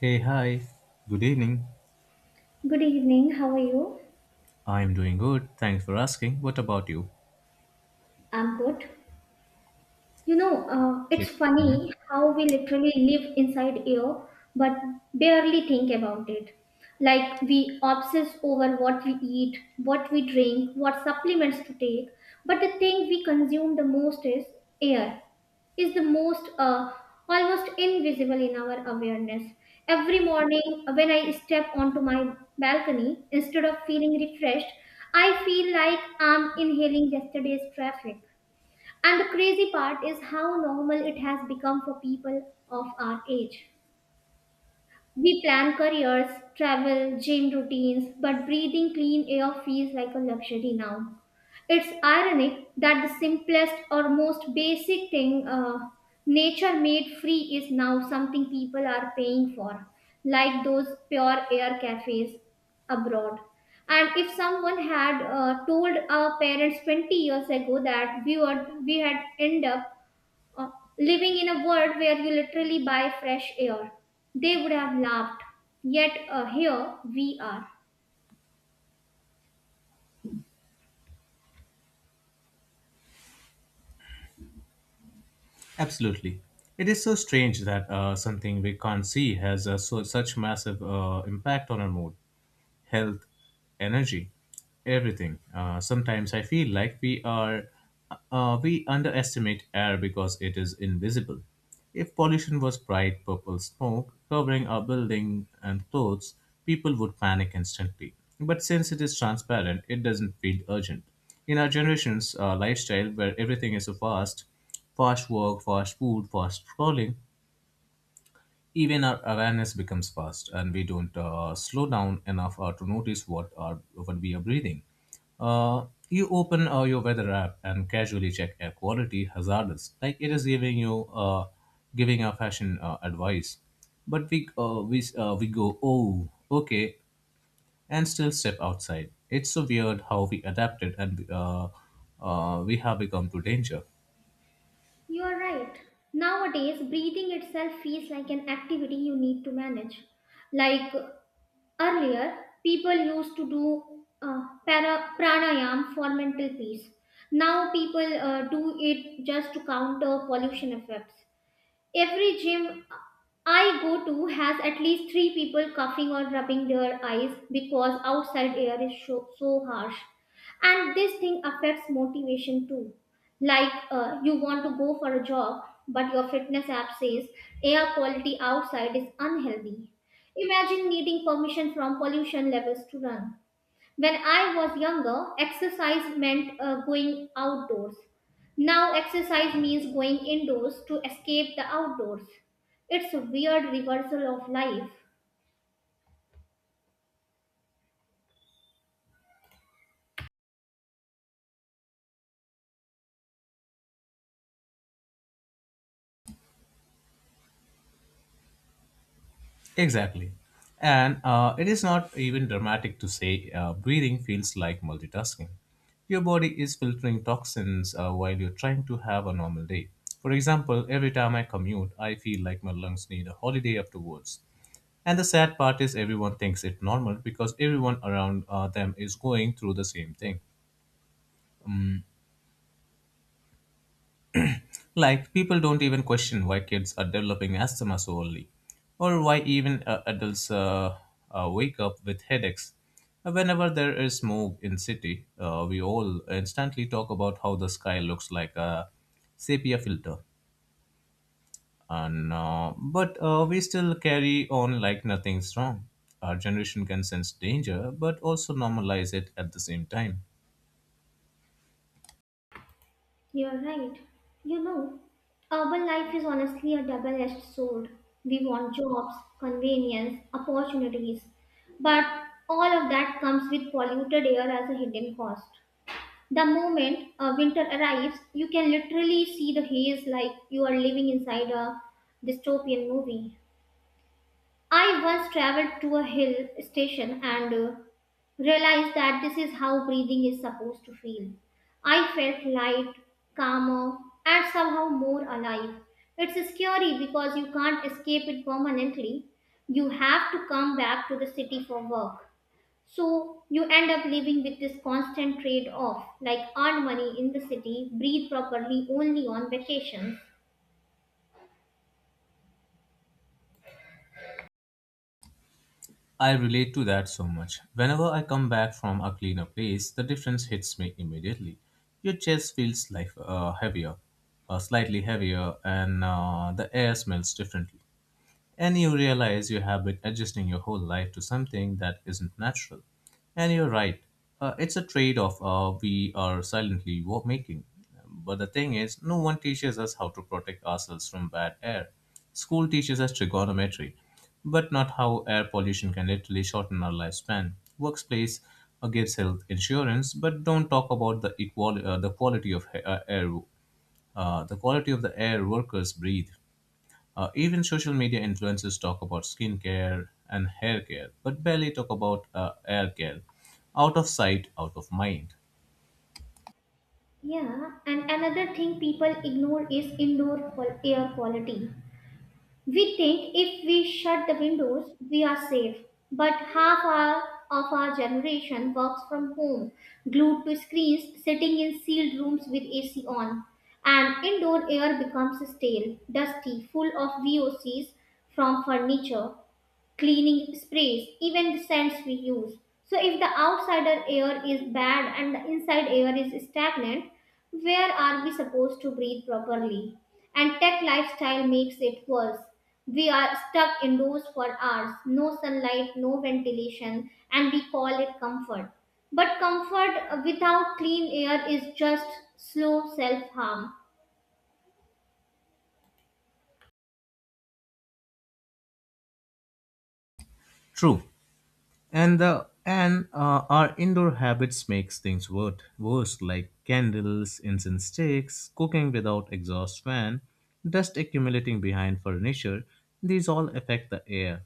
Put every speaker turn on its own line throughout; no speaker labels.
Hey, hi. Good evening.
Good evening, how are you?
I am doing good. Thanks for asking. What about you?
I'm good. It's
Great.
funny
Mhm.
how we literally live inside air but barely think about it. Like we obsess over what we eat, what we drink, what supplements to take, but the thing we consume the most is air. Is the most almost invisible in our awareness. Every morning when I step onto my balcony, instead of feeling refreshed, I feel like I'm inhaling yesterday's traffic. And the crazy part is how normal it has become for people of our age. We plan careers, travel, gym routines, but breathing clean air feels like a luxury now. It's ironic that the simplest or most basic thing nature made free is now something people are paying for, like those pure air cafes abroad. And if someone had told our parents 20 years ago that we had end up uh, living in a world where you literally buy fresh air. They would have laughed. Yet here we are.
Absolutely. It is so strange that something we can't see has such massive impact on our mood. Health, energy, everything. Sometimes I feel like we underestimate air because it is invisible. If pollution was bright purple smoke covering our building and clothes, people would panic instantly. But since it is transparent, it doesn't feel urgent. In our generation's lifestyle, where everything is so fast, fast work, fast food, fast scrolling, even our awareness becomes fast and we don't slow down enough to notice what we are breathing. Uh, you open your weather app and casually check air quality hazardous like it is giving you giving a fashion advice, but we go, oh okay, and still step outside. It's so weird how we adapted, and we have become to danger.
You are right. Nowadays, breathing itself feels like an activity you need to manage. Like earlier, people used to do pranayam for mental peace. Now, people do it just to counter pollution effects. Every gym I go to has at least three people coughing or rubbing their eyes because outside air is so harsh. And this thing affects motivation too. Like you want to go for a jog, but your fitness app says air quality outside is unhealthy. Imagine needing permission from pollution levels to run. When I was younger, exercise meant going outdoors. Now, exercise means going indoors to escape the outdoors. It's a weird reversal of life.
Exactly. And it is not even dramatic to say breathing feels like multitasking. Your body is filtering toxins while you're trying to have a normal day. For example, every time I commute, I feel like my lungs need a holiday afterwards. And the sad part is, everyone thinks it normal because everyone around them is going through the same thing. Like, people don't even question why kids are developing asthma so early, or why even adults wake up with headaches. Whenever there is smoke in city, we all instantly talk about how the sky looks like a sepia filter, and but we still carry on like nothing's wrong. Our generation can sense danger, but also normalize it at the same time.
You're right. You know, urban life is honestly a double edged sword. We want jobs, convenience, opportunities, but all of that comes with polluted air as a hidden cost. The moment winter arrives, you can literally see the haze like you are living inside a dystopian movie. I once traveled to a hill station and realized that this is how breathing is supposed to feel. I felt light, calmer, and somehow more alive. It's scary because you can't escape it permanently. You have to come back to the city for work. So you end up living with this constant trade off like earn money in the city, breathe properly only on vacations.
I relate to that so much. Whenever I come back from a cleaner place, the difference hits me immediately. Your chest feels like slightly heavier, and the air smells differently. And you realize you have been adjusting your whole life to something that isn't natural. And you're right, it's a trade off we are silently making. But the thing is, no one teaches us how to protect ourselves from bad air. School teaches us trigonometry, but not how air pollution can literally shorten our lifespan. Workplace gives health insurance, but don't talk about the the quality of the quality of the air workers breathe. Even social media influencers talk about skincare and hair care, but barely talk about air care. Out of sight, out of mind.
Yeah, and another thing people ignore is indoor air quality. We think if we shut the windows, we are safe. But of our generation works from home, glued to screens, sitting in sealed rooms with AC on. And indoor air becomes stale, dusty, full of VOCs from furniture, cleaning sprays, even the scents we use. So, if the outsider air is bad and the inside air is stagnant, where are we supposed to breathe properly? And tech lifestyle makes it worse. We are stuck indoors for hours, no sunlight, no ventilation, and we call it comfort. But comfort without clean air is just slow self harm.
True. And our indoor habits makes things worse, like candles, incense sticks, cooking without exhaust fan, dust accumulating behind furniture, these all affect the air.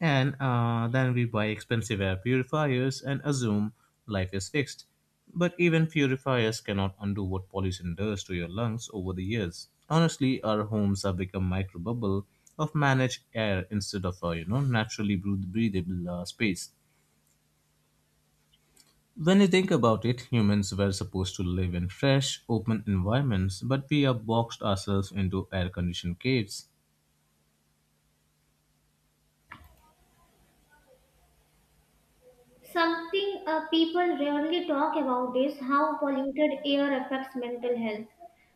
And then we buy expensive air purifiers and assume life is fixed, but even purifiers cannot undo what pollution does to your lungs over the years. Honestly, our homes have become micro bubble of managed air instead of a, you know, naturally breathable space. When you think about it, humans were supposed to live in fresh, open environments, but we have boxed ourselves into air conditioned caves.
Something people rarely talk about is how polluted air affects mental health.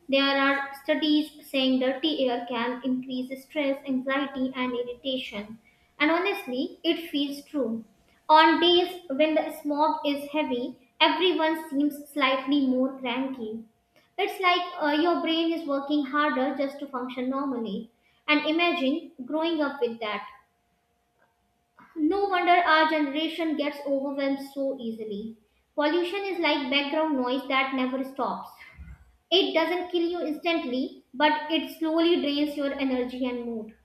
There are studies saying dirty air can increase stress, anxiety, and irritation. And honestly, it feels true. On days when the smog is heavy, everyone seems slightly more cranky. It's like your brain is working harder just to function normally. And imagine growing up with that. No wonder our generation gets overwhelmed so easily. Pollution is like background noise that never stops. It doesn't kill you instantly, but it slowly drains your energy and mood.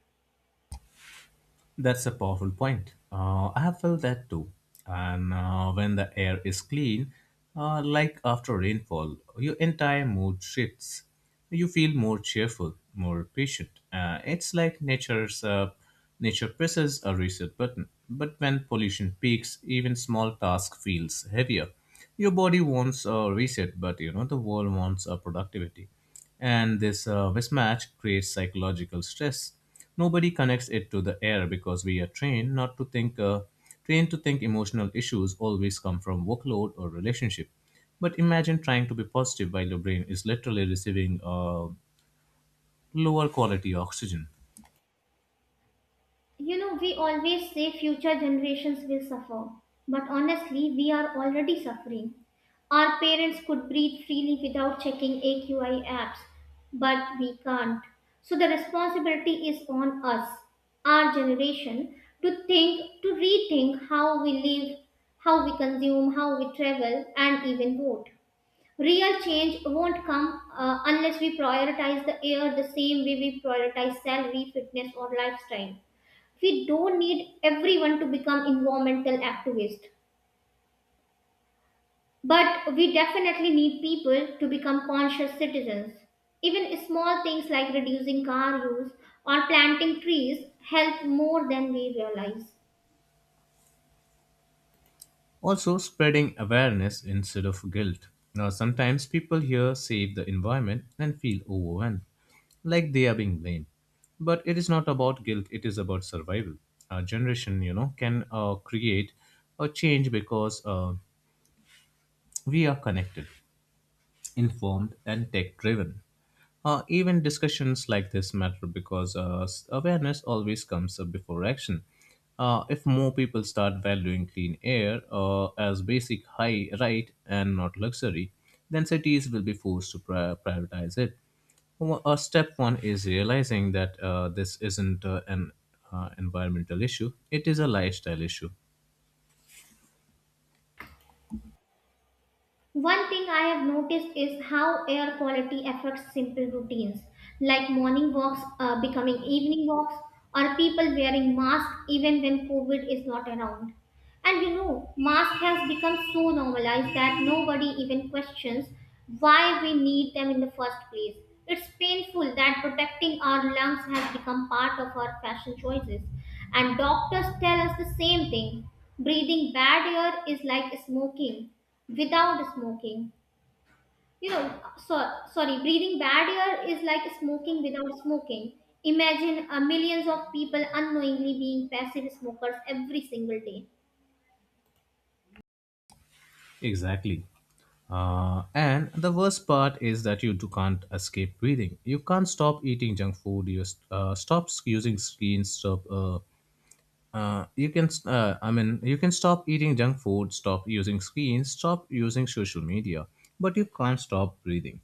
That's a powerful point. I have felt that too. And when the air is clean, like after rainfall, your entire mood shifts. You feel more cheerful, more patient. It's like nature's Nature presses a reset button. But when pollution peaks, even small task feels heavier. Your body wants a reset, but you know the world wants a productivity, and this mismatch creates psychological stress. Nobody connects it to the air because we are trained not to think trained to think emotional issues always come from workload or relationship. But imagine trying to be positive while your brain is literally receiving lower quality oxygen.
You know, we always say future generations will suffer, but honestly, we are already suffering. Our parents could breathe freely without checking AQI apps, but we can't. So the responsibility is on us, our generation, to think, to rethink how we live, how we consume, how we travel, and even vote. Real change won't come unless we prioritize the air the same way we prioritize salary, fitness, or lifestyle. We don't need everyone to become environmental activists, but we definitely need people to become conscious citizens. Even small things like reducing car use or planting trees help more than we realize.
Also, spreading awareness instead of guilt. Now, sometimes people here save the environment and feel overwhelmed, like they are being blamed. But it is not about guilt, it is about survival. Our generation, you know, can create a change because we are connected, informed, and tech driven. Even discussions like this matter because awareness always comes up before action. If more people start valuing clean air as basic high right and not luxury, then cities will be forced to prioritize it. Well, step one is realizing that this isn't an environmental issue, it is a lifestyle issue.
One thing I have noticed is how air quality affects simple routines like morning walks becoming evening walks or people wearing masks even when COVID is not around. And you know, mask has become so normalized that nobody even questions why we need them in the first place. It's painful that protecting our lungs has become part of our fashion choices. And doctors tell us the same thing. Breathing bad air is like smoking without smoking. You know, so, sorry, breathing bad air is like smoking without smoking. Imagine millions of people unknowingly being passive smokers every single day.
Exactly. And the worst part is that you do can't escape breathing. You can't stop eating junk food. You stop using screens. Stop. You can. I mean, you can stop eating junk food. Stop using screens. Stop using social media. But you can't stop breathing.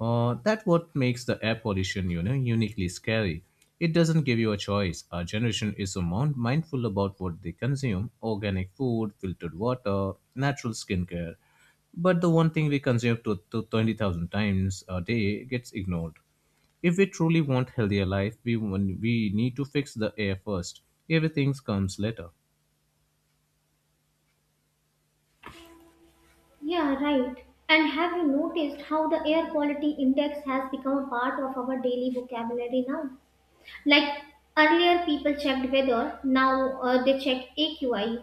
That what makes the air pollution, you know, uniquely scary. It doesn't give you a choice. Our generation is so mindful about what they consume: organic food, filtered water, natural skincare. But the one thing we consume to 20,000 times a day gets ignored. If we truly want healthier life, we need to fix the air first. Everything comes later.
Yeah, right. And have you noticed how the air quality index has become a part of our daily vocabulary now? Like earlier, people checked weather, now they check AQI.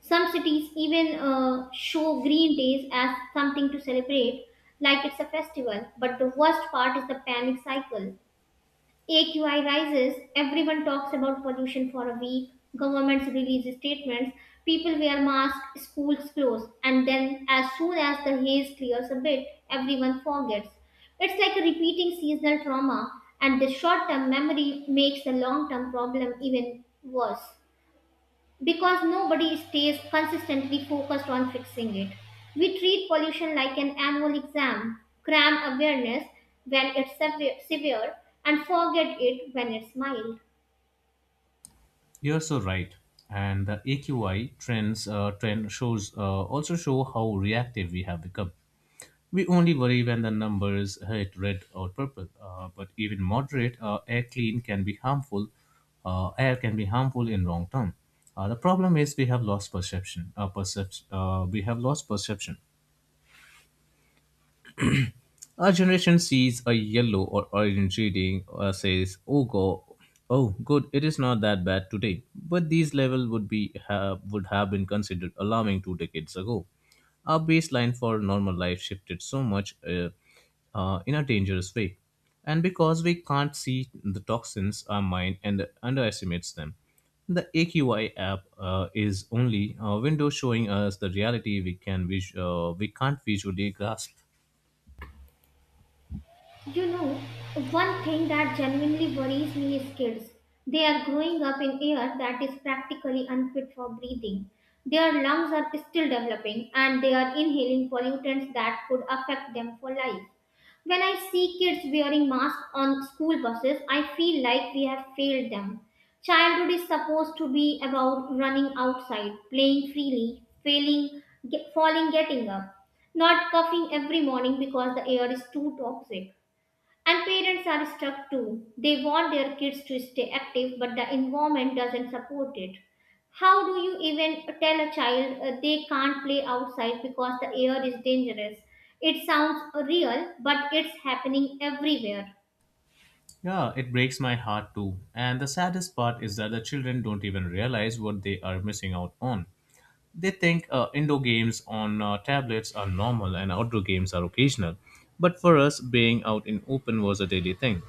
Some cities even show green days as something to celebrate, like it's a festival. But the worst part is the panic cycle. AQI rises, everyone talks about pollution for a week, governments release statements, people wear masks, schools close, and then as soon as the haze clears a bit, everyone forgets. It's like a repeating seasonal trauma, and the short term memory makes the long term problem even worse because nobody stays consistently focused on fixing it. We treat pollution like an annual exam, cram awareness when it's severe, and forget it when it's mild.
You're so right. And the AQI trend shows also show how reactive we have become. We only worry when the numbers hit red or purple, but even moderate air clean can be harmful. Air can be harmful in long term. The problem is we have lost perception. Percep- we have lost perception. Our generation sees a yellow or orange reading or says, "Oh oh good, it is not that bad today." But these levels would have been considered alarming 2 decades ago. Our baseline for normal life shifted so much, in a dangerous way, and because we can't see the toxins, our mind and underestimates them. The AQI app is only a window showing us the reality we can we can't visually grasp.
You know, one thing that genuinely worries me is kids. They are growing up in air that is practically unfit for breathing. Their lungs are still developing and they are inhaling pollutants that could affect them for life. When I see kids wearing masks on school buses, I feel like we have failed them. Childhood is supposed to be about running outside, playing freely, failing, falling, getting up, not coughing every morning because the air is too toxic. And parents are stuck too. They want their kids to stay active, but the environment doesn't support it. How do you even tell a child they can't play outside because the air is dangerous? It sounds real, but it's happening everywhere.
Yeah, it breaks my heart too. And the saddest part is that the children don't even realize what they are missing out on. They think indoor games on tablets are normal and outdoor games are occasional. But for us, being out in open was a daily thing.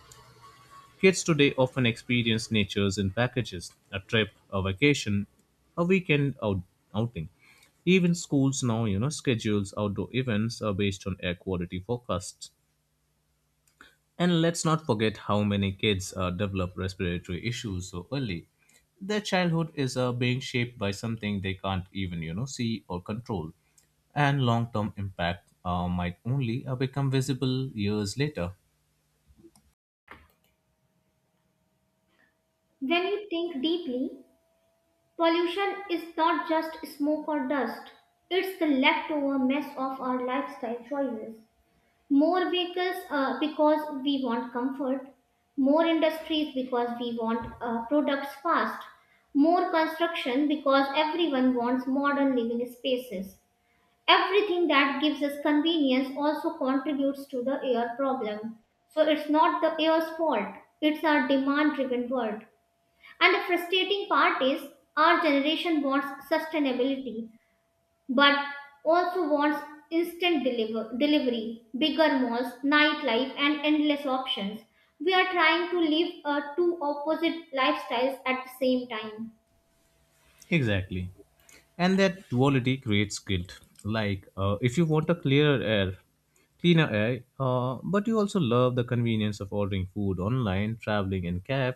Kids today often experience natures in packages, a trip, a vacation, a weekend outing. Even schools now, you know, schedules outdoor events are based on air quality forecasts. And let's not forget how many kids develop respiratory issues so early. Their childhood is being shaped by something they can't even, you know, see or control. And long-term impact might only become visible years later.
When you think deeply, pollution is not just smoke or dust, it's the leftover mess of our lifestyle choices. More vehicles because we want comfort, more industries because we want products fast, more construction because everyone wants modern living spaces. Everything that gives us convenience also contributes to the air problem. So it's not the air's fault, it's our demand driven world. And the frustrating part is our generation wants sustainability but also wants instant delivery, bigger malls, nightlife, and endless options. We are trying to live two opposite lifestyles at the same time.
Exactly. And that duality creates guilt, like if you want a clearer air cleaner air, but you also love the convenience of ordering food online, traveling in cab,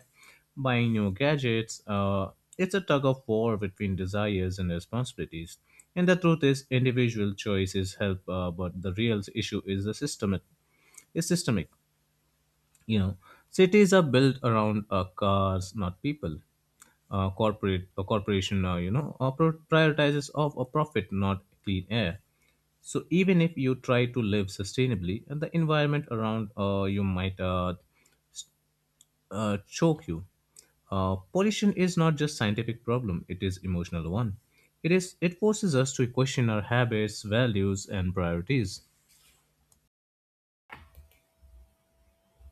buying new gadgets. It's a tug of war between desires and responsibilities, and the truth is individual choices help, but the real issue is the systemic is systemic. You know, cities are built around cars, not people. Corporate a corporation, you know, prioritizes of a profit, not clean air. So even if you try to live sustainably, and the environment around you might choke you. Pollution is not just scientific problem; it is emotional one. It forces us to question our habits, values, and priorities.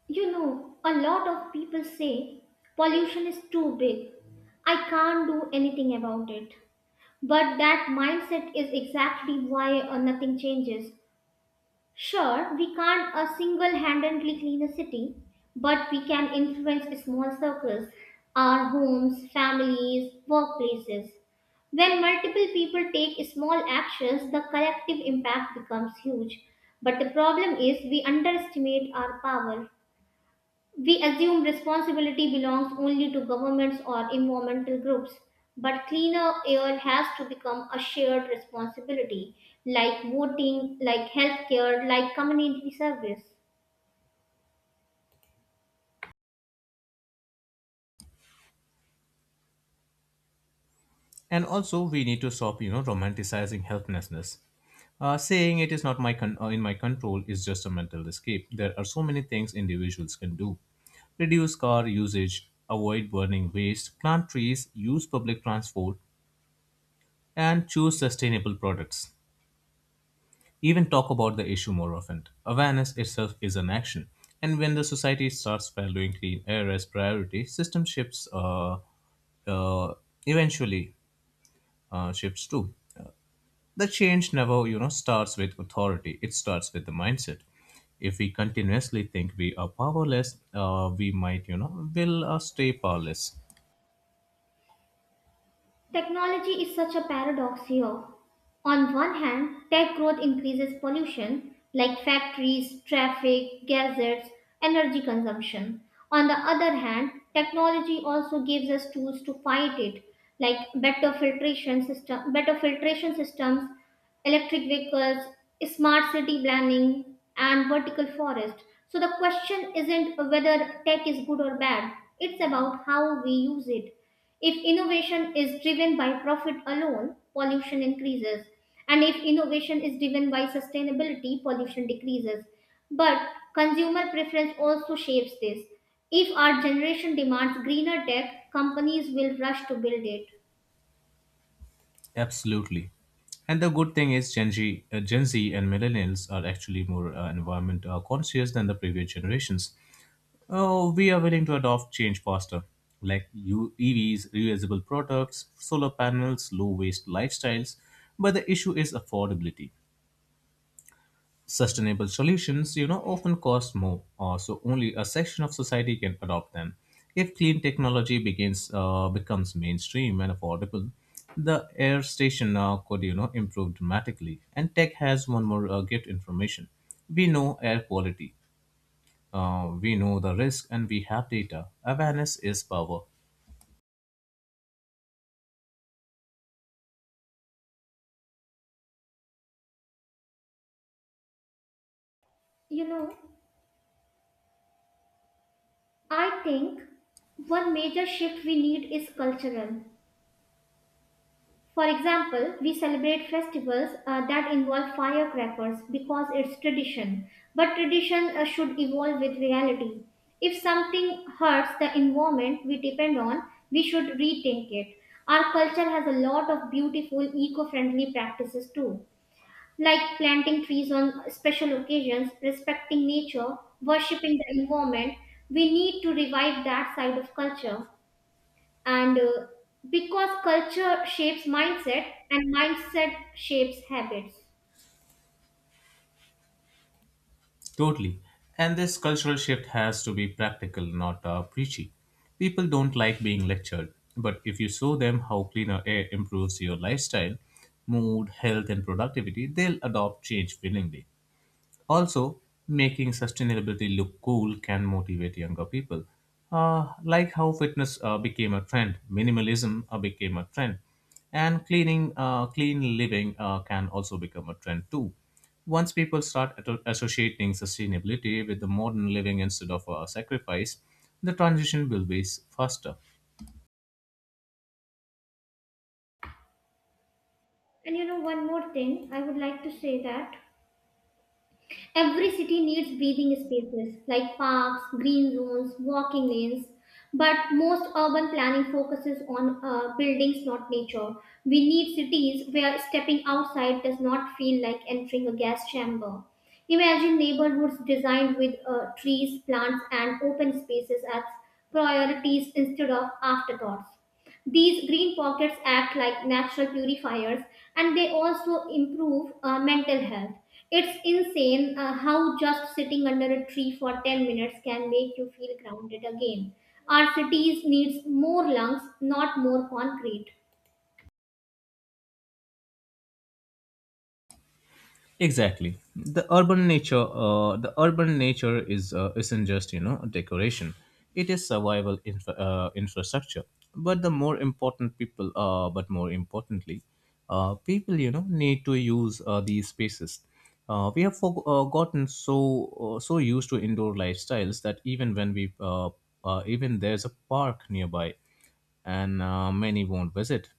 You know, a lot of people say pollution is too big. I can't do anything about it. But that mindset is exactly why nothing changes. Sure, we can't single handedly clean a city, but we can influence small circles, our homes, families, workplaces. When multiple people take small actions, the collective impact becomes huge. But the problem is we underestimate our power. We assume responsibility belongs only to governments or environmental groups, but cleaner air has to become a shared responsibility, like voting, like healthcare, like community service.
And also, we need to stop, you know, romanticizing helplessness. Saying it is not my con- in my control is just a mental escape. There are so many things individuals can do: reduce car usage, avoid burning waste, plant trees, use public transport, and choose sustainable products. Even talk about the issue more often. Awareness itself is an action, and when the society starts valuing clean air as priority, system shifts. Uh, Eventually shifts too. The change never, you know, starts with authority. It starts with the mindset. If we continuously think we are powerless, we will stay powerless.
Technology is such a paradox here. On one hand, tech growth increases pollution like factories, traffic, gases, energy consumption. On the other hand, technology also gives us tools to fight it like better filtration systems, electric vehicles, smart city planning, and vertical forest. So the question isn't whether tech is good or bad, it's about how we use it. If innovation is driven by profit alone, pollution increases. And if innovation is driven by sustainability, pollution decreases. But consumer preference also shapes this. If our generation demands greener tech, companies will rush to build it.
Absolutely. And the good thing is, Gen Z and millennials are actually more environment conscious than the previous generations. Oh, we are willing to adopt change faster, like EVs, reusable products, solar panels, low waste lifestyles. But the issue is affordability. Sustainable solutions, you know, often cost more, so only a section of society can adopt them. If clean technology begins becomes mainstream and affordable, the air station could, you know, improve dramatically. And tech has one more gift information. We know air quality, we know the risk, and we have data. Awareness is power.
You know, I think one major shift we need is cultural. For example, we celebrate festivals that involve firecrackers because it's tradition. But tradition should evolve with reality. If something hurts the environment we depend on, we should rethink it. Our culture has a lot of beautiful eco friendly practices too, like planting trees on special occasions, respecting nature, worshipping the environment. We need to revive that side of culture and because culture shapes mindset and mindset shapes habits.
Totally. And this cultural shift has to be practical, not preachy. People don't like being lectured, but if you show them how cleaner air improves your lifestyle, mood, health, and productivity, they'll adopt change willingly. Also, making sustainability look cool can motivate younger people. Like how fitness became a trend, minimalism became a trend, and cleaning, clean living can also become a trend too. Once people start associating sustainability with the modern living instead of sacrifice, the transition will be faster.
And you know, one more thing I would like to say that every city needs breathing spaces like parks, green zones, walking lanes. But most urban planning focuses on buildings, not nature. We need cities where stepping outside does not feel like entering a gas chamber. Imagine neighborhoods designed with trees, plants, and open spaces as priorities instead of afterthoughts. These green pockets act like natural purifiers and they also improve mental health. It's insane how just sitting under a tree for 10 minutes can make you feel grounded again. Our cities needs more lungs, not more concrete.
Exactly. The urban nature is isn't just decoration. It is survival infrastructure. But more importantly, people need to use these spaces. We have gotten so so used to indoor lifestyles that even when we even there's a park nearby, and many won't visit.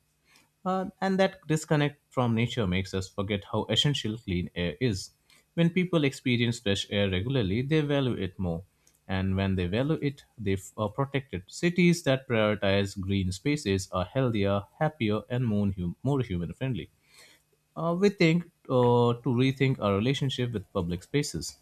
And that disconnect from nature makes us forget how essential clean air is. When people experience fresh air regularly, they value it more. And when they value it, are protected. Cities that prioritize green spaces are healthier, happier, and more human friendly. We think to rethink our relationship with public spaces.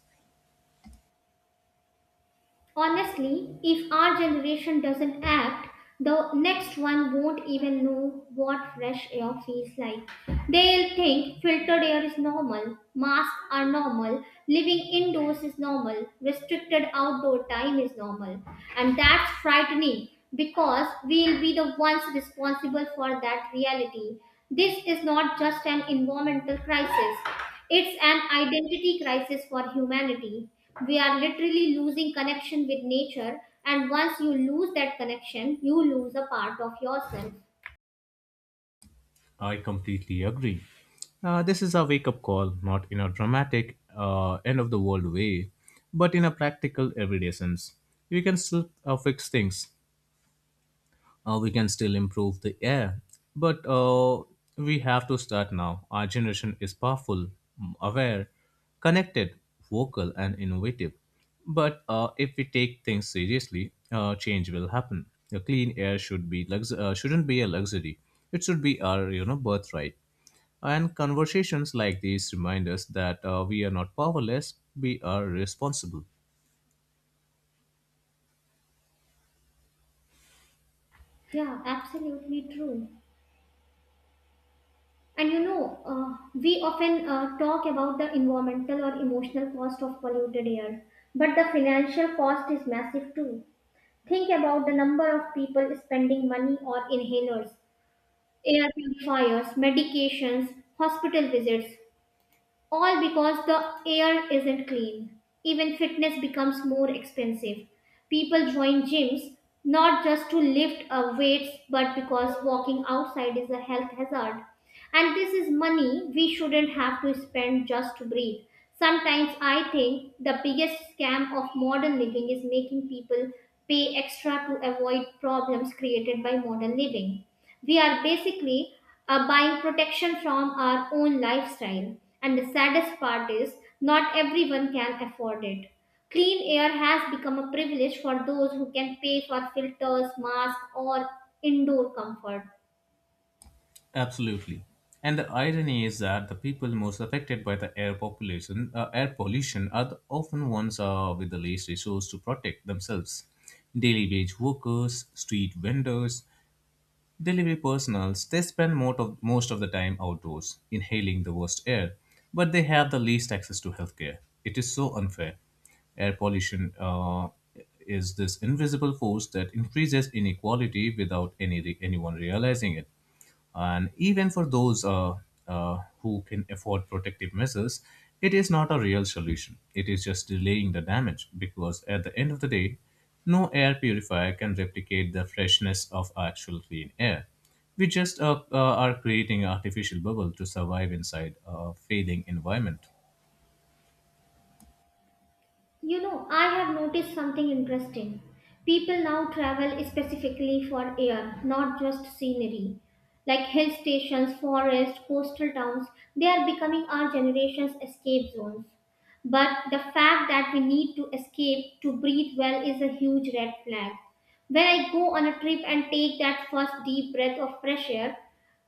Honestly, if our generation doesn't act, the next one won't even know what fresh air feels like. They'll think filtered air is normal, masks are normal, living indoors is normal, restricted outdoor time is normal. And that's frightening because we'll be the ones responsible for that reality. This is not just an environmental crisis, it's an identity crisis for humanity. We are literally losing connection with nature and once you lose that connection you lose a part of yourself.
I completely agree. This is a wake up call, not in a dramatic, end of the world way, but in a practical, everyday sense. You can still fix things, we can still improve the air. But We have to start now. Our generation is powerful, aware, connected, vocal, and innovative. But if we take things seriously, change will happen. The clean air should be shouldn't be a luxury. It should be our birthright. And conversations like these remind us that we are not powerless, we are responsible.
Yeah, absolutely true. And you know, we often talk about the environmental or emotional cost of polluted air but the financial cost is massive too. Think about the number of people spending money on inhalers, air purifiers, medications, hospital visits, all because the air isn't clean. Even fitness becomes more expensive. People join gyms not just to lift weights but because walking outside is a health hazard. And this is money we shouldn't have to spend just to breathe. Sometimes I think the biggest scam of modern living is making people pay extra to avoid problems created by modern living. We are basically buying protection from our own lifestyle. And the saddest part is, not everyone can afford it. Clean air has become a privilege for those who can pay for filters, masks, or indoor comfort.
Absolutely. And the irony is that the people most affected by the air pollution, are the often ones with the least resources to protect themselves. Daily wage workers, street vendors, delivery personals they spend most of the time outdoors, inhaling the worst air, but they have the least access to healthcare. It is so unfair. Air pollution is this invisible force that increases inequality without anyone realizing it. And even for those who can afford protective measures, it is not a real solution. It is just delaying the damage because at the end of the day, no air purifier can replicate the freshness of actual clean air. We just are creating an artificial bubble to survive inside a failing environment.
You know, I have noticed something interesting. People now travel specifically for air, not just scenery. Like hill stations, forests, coastal towns, they are becoming our generation's escape zones. But the fact that we need to escape to breathe well is a huge red flag. When I go on a trip and take that first deep breath of fresh air,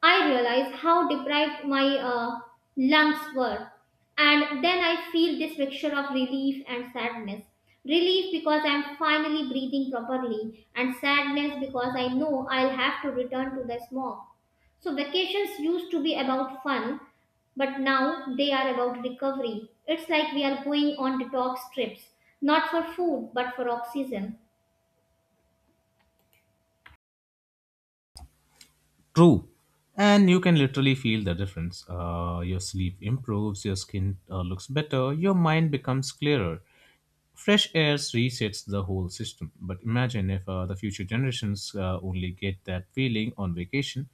I realize how deprived my lungs were and then I feel this mixture of relief and sadness. Relief because I'm finally breathing properly, and sadness because I know I'll have to return to the smog. So, vacations used to be about fun, but now they are about recovery. It's like we are going on detox trips, not for food, but for oxygen.
True. And you can literally feel the difference. Your sleep improves, your skin looks better, your mind becomes clearer. Fresh air resets the whole system. But imagine if the future generations only get that feeling on vacation.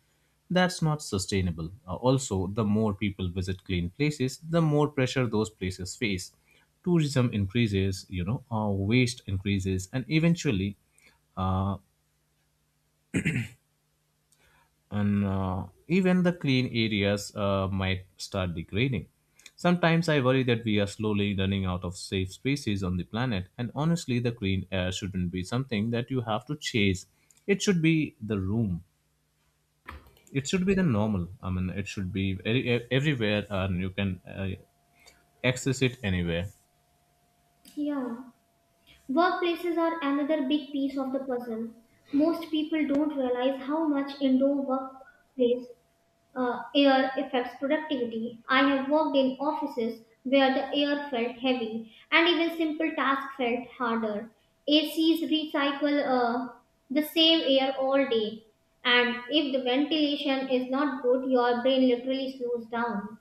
That's not sustainable. Also, the more people visit clean places, the more pressure those places face. Tourism increases, waste increases, and eventually uh, and even the clean areas might start degrading. Sometimes I worry that we are slowly running out of safe spaces on the planet, and honestly, the clean air shouldn't be something that you have to chase. It should be the room. It should be the normal. I mean, it should be very, everywhere, and you can access it anywhere.
Yeah. Workplaces are another big piece of the puzzle. Most people don't realize how much indoor workplace air affects productivity. I have worked in offices where the air felt heavy and even simple tasks felt harder. ACs recycle the same air all day, and if the ventilation is not good, your brain literally slows down.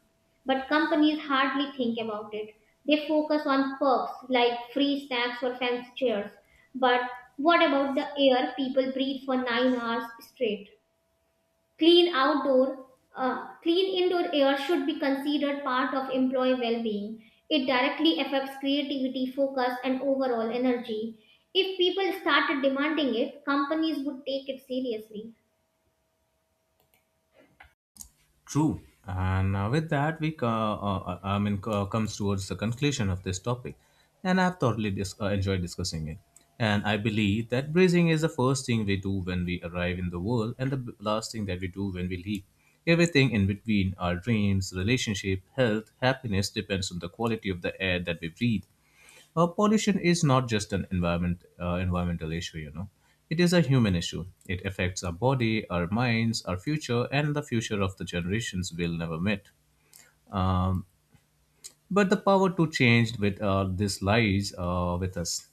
But companies hardly think about it. They focus on perks like free snacks or fancy chairs. But what about the air people breathe for 9 hours straight? Clean outdoor, Clean indoor air should be considered part of employee well-being. It directly affects creativity, focus, and overall energy. If people started demanding it, companies would take it seriously.
True. And with that, we co- I mean co- comes towards the conclusion of this topic, and I've thoroughly enjoyed discussing it. And I believe that breathing is the first thing we do when we arrive in the world, and the last thing that we do when we leave. Everything in between, our dreams, relationship, health, happiness, depends on the quality of the air that we breathe. Pollution is not just an environmental issue, you know. It is a human issue. It affects our body, our minds, our future, and the future of the generations we'll never meet. Um, but the power to change with this lies with us.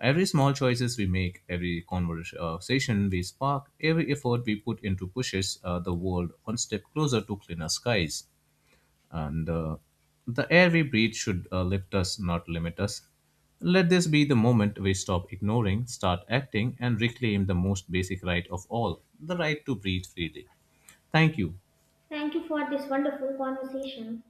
Every small choices we make, every conversation we spark, every effort we put into pushes the world one step closer to cleaner skies and the air we breathe should lift us, not limit us. Let this be the moment we stop ignoring, start acting, and reclaim the most basic right of all, the right to breathe freely. Thank you.
Thank you for this wonderful conversation.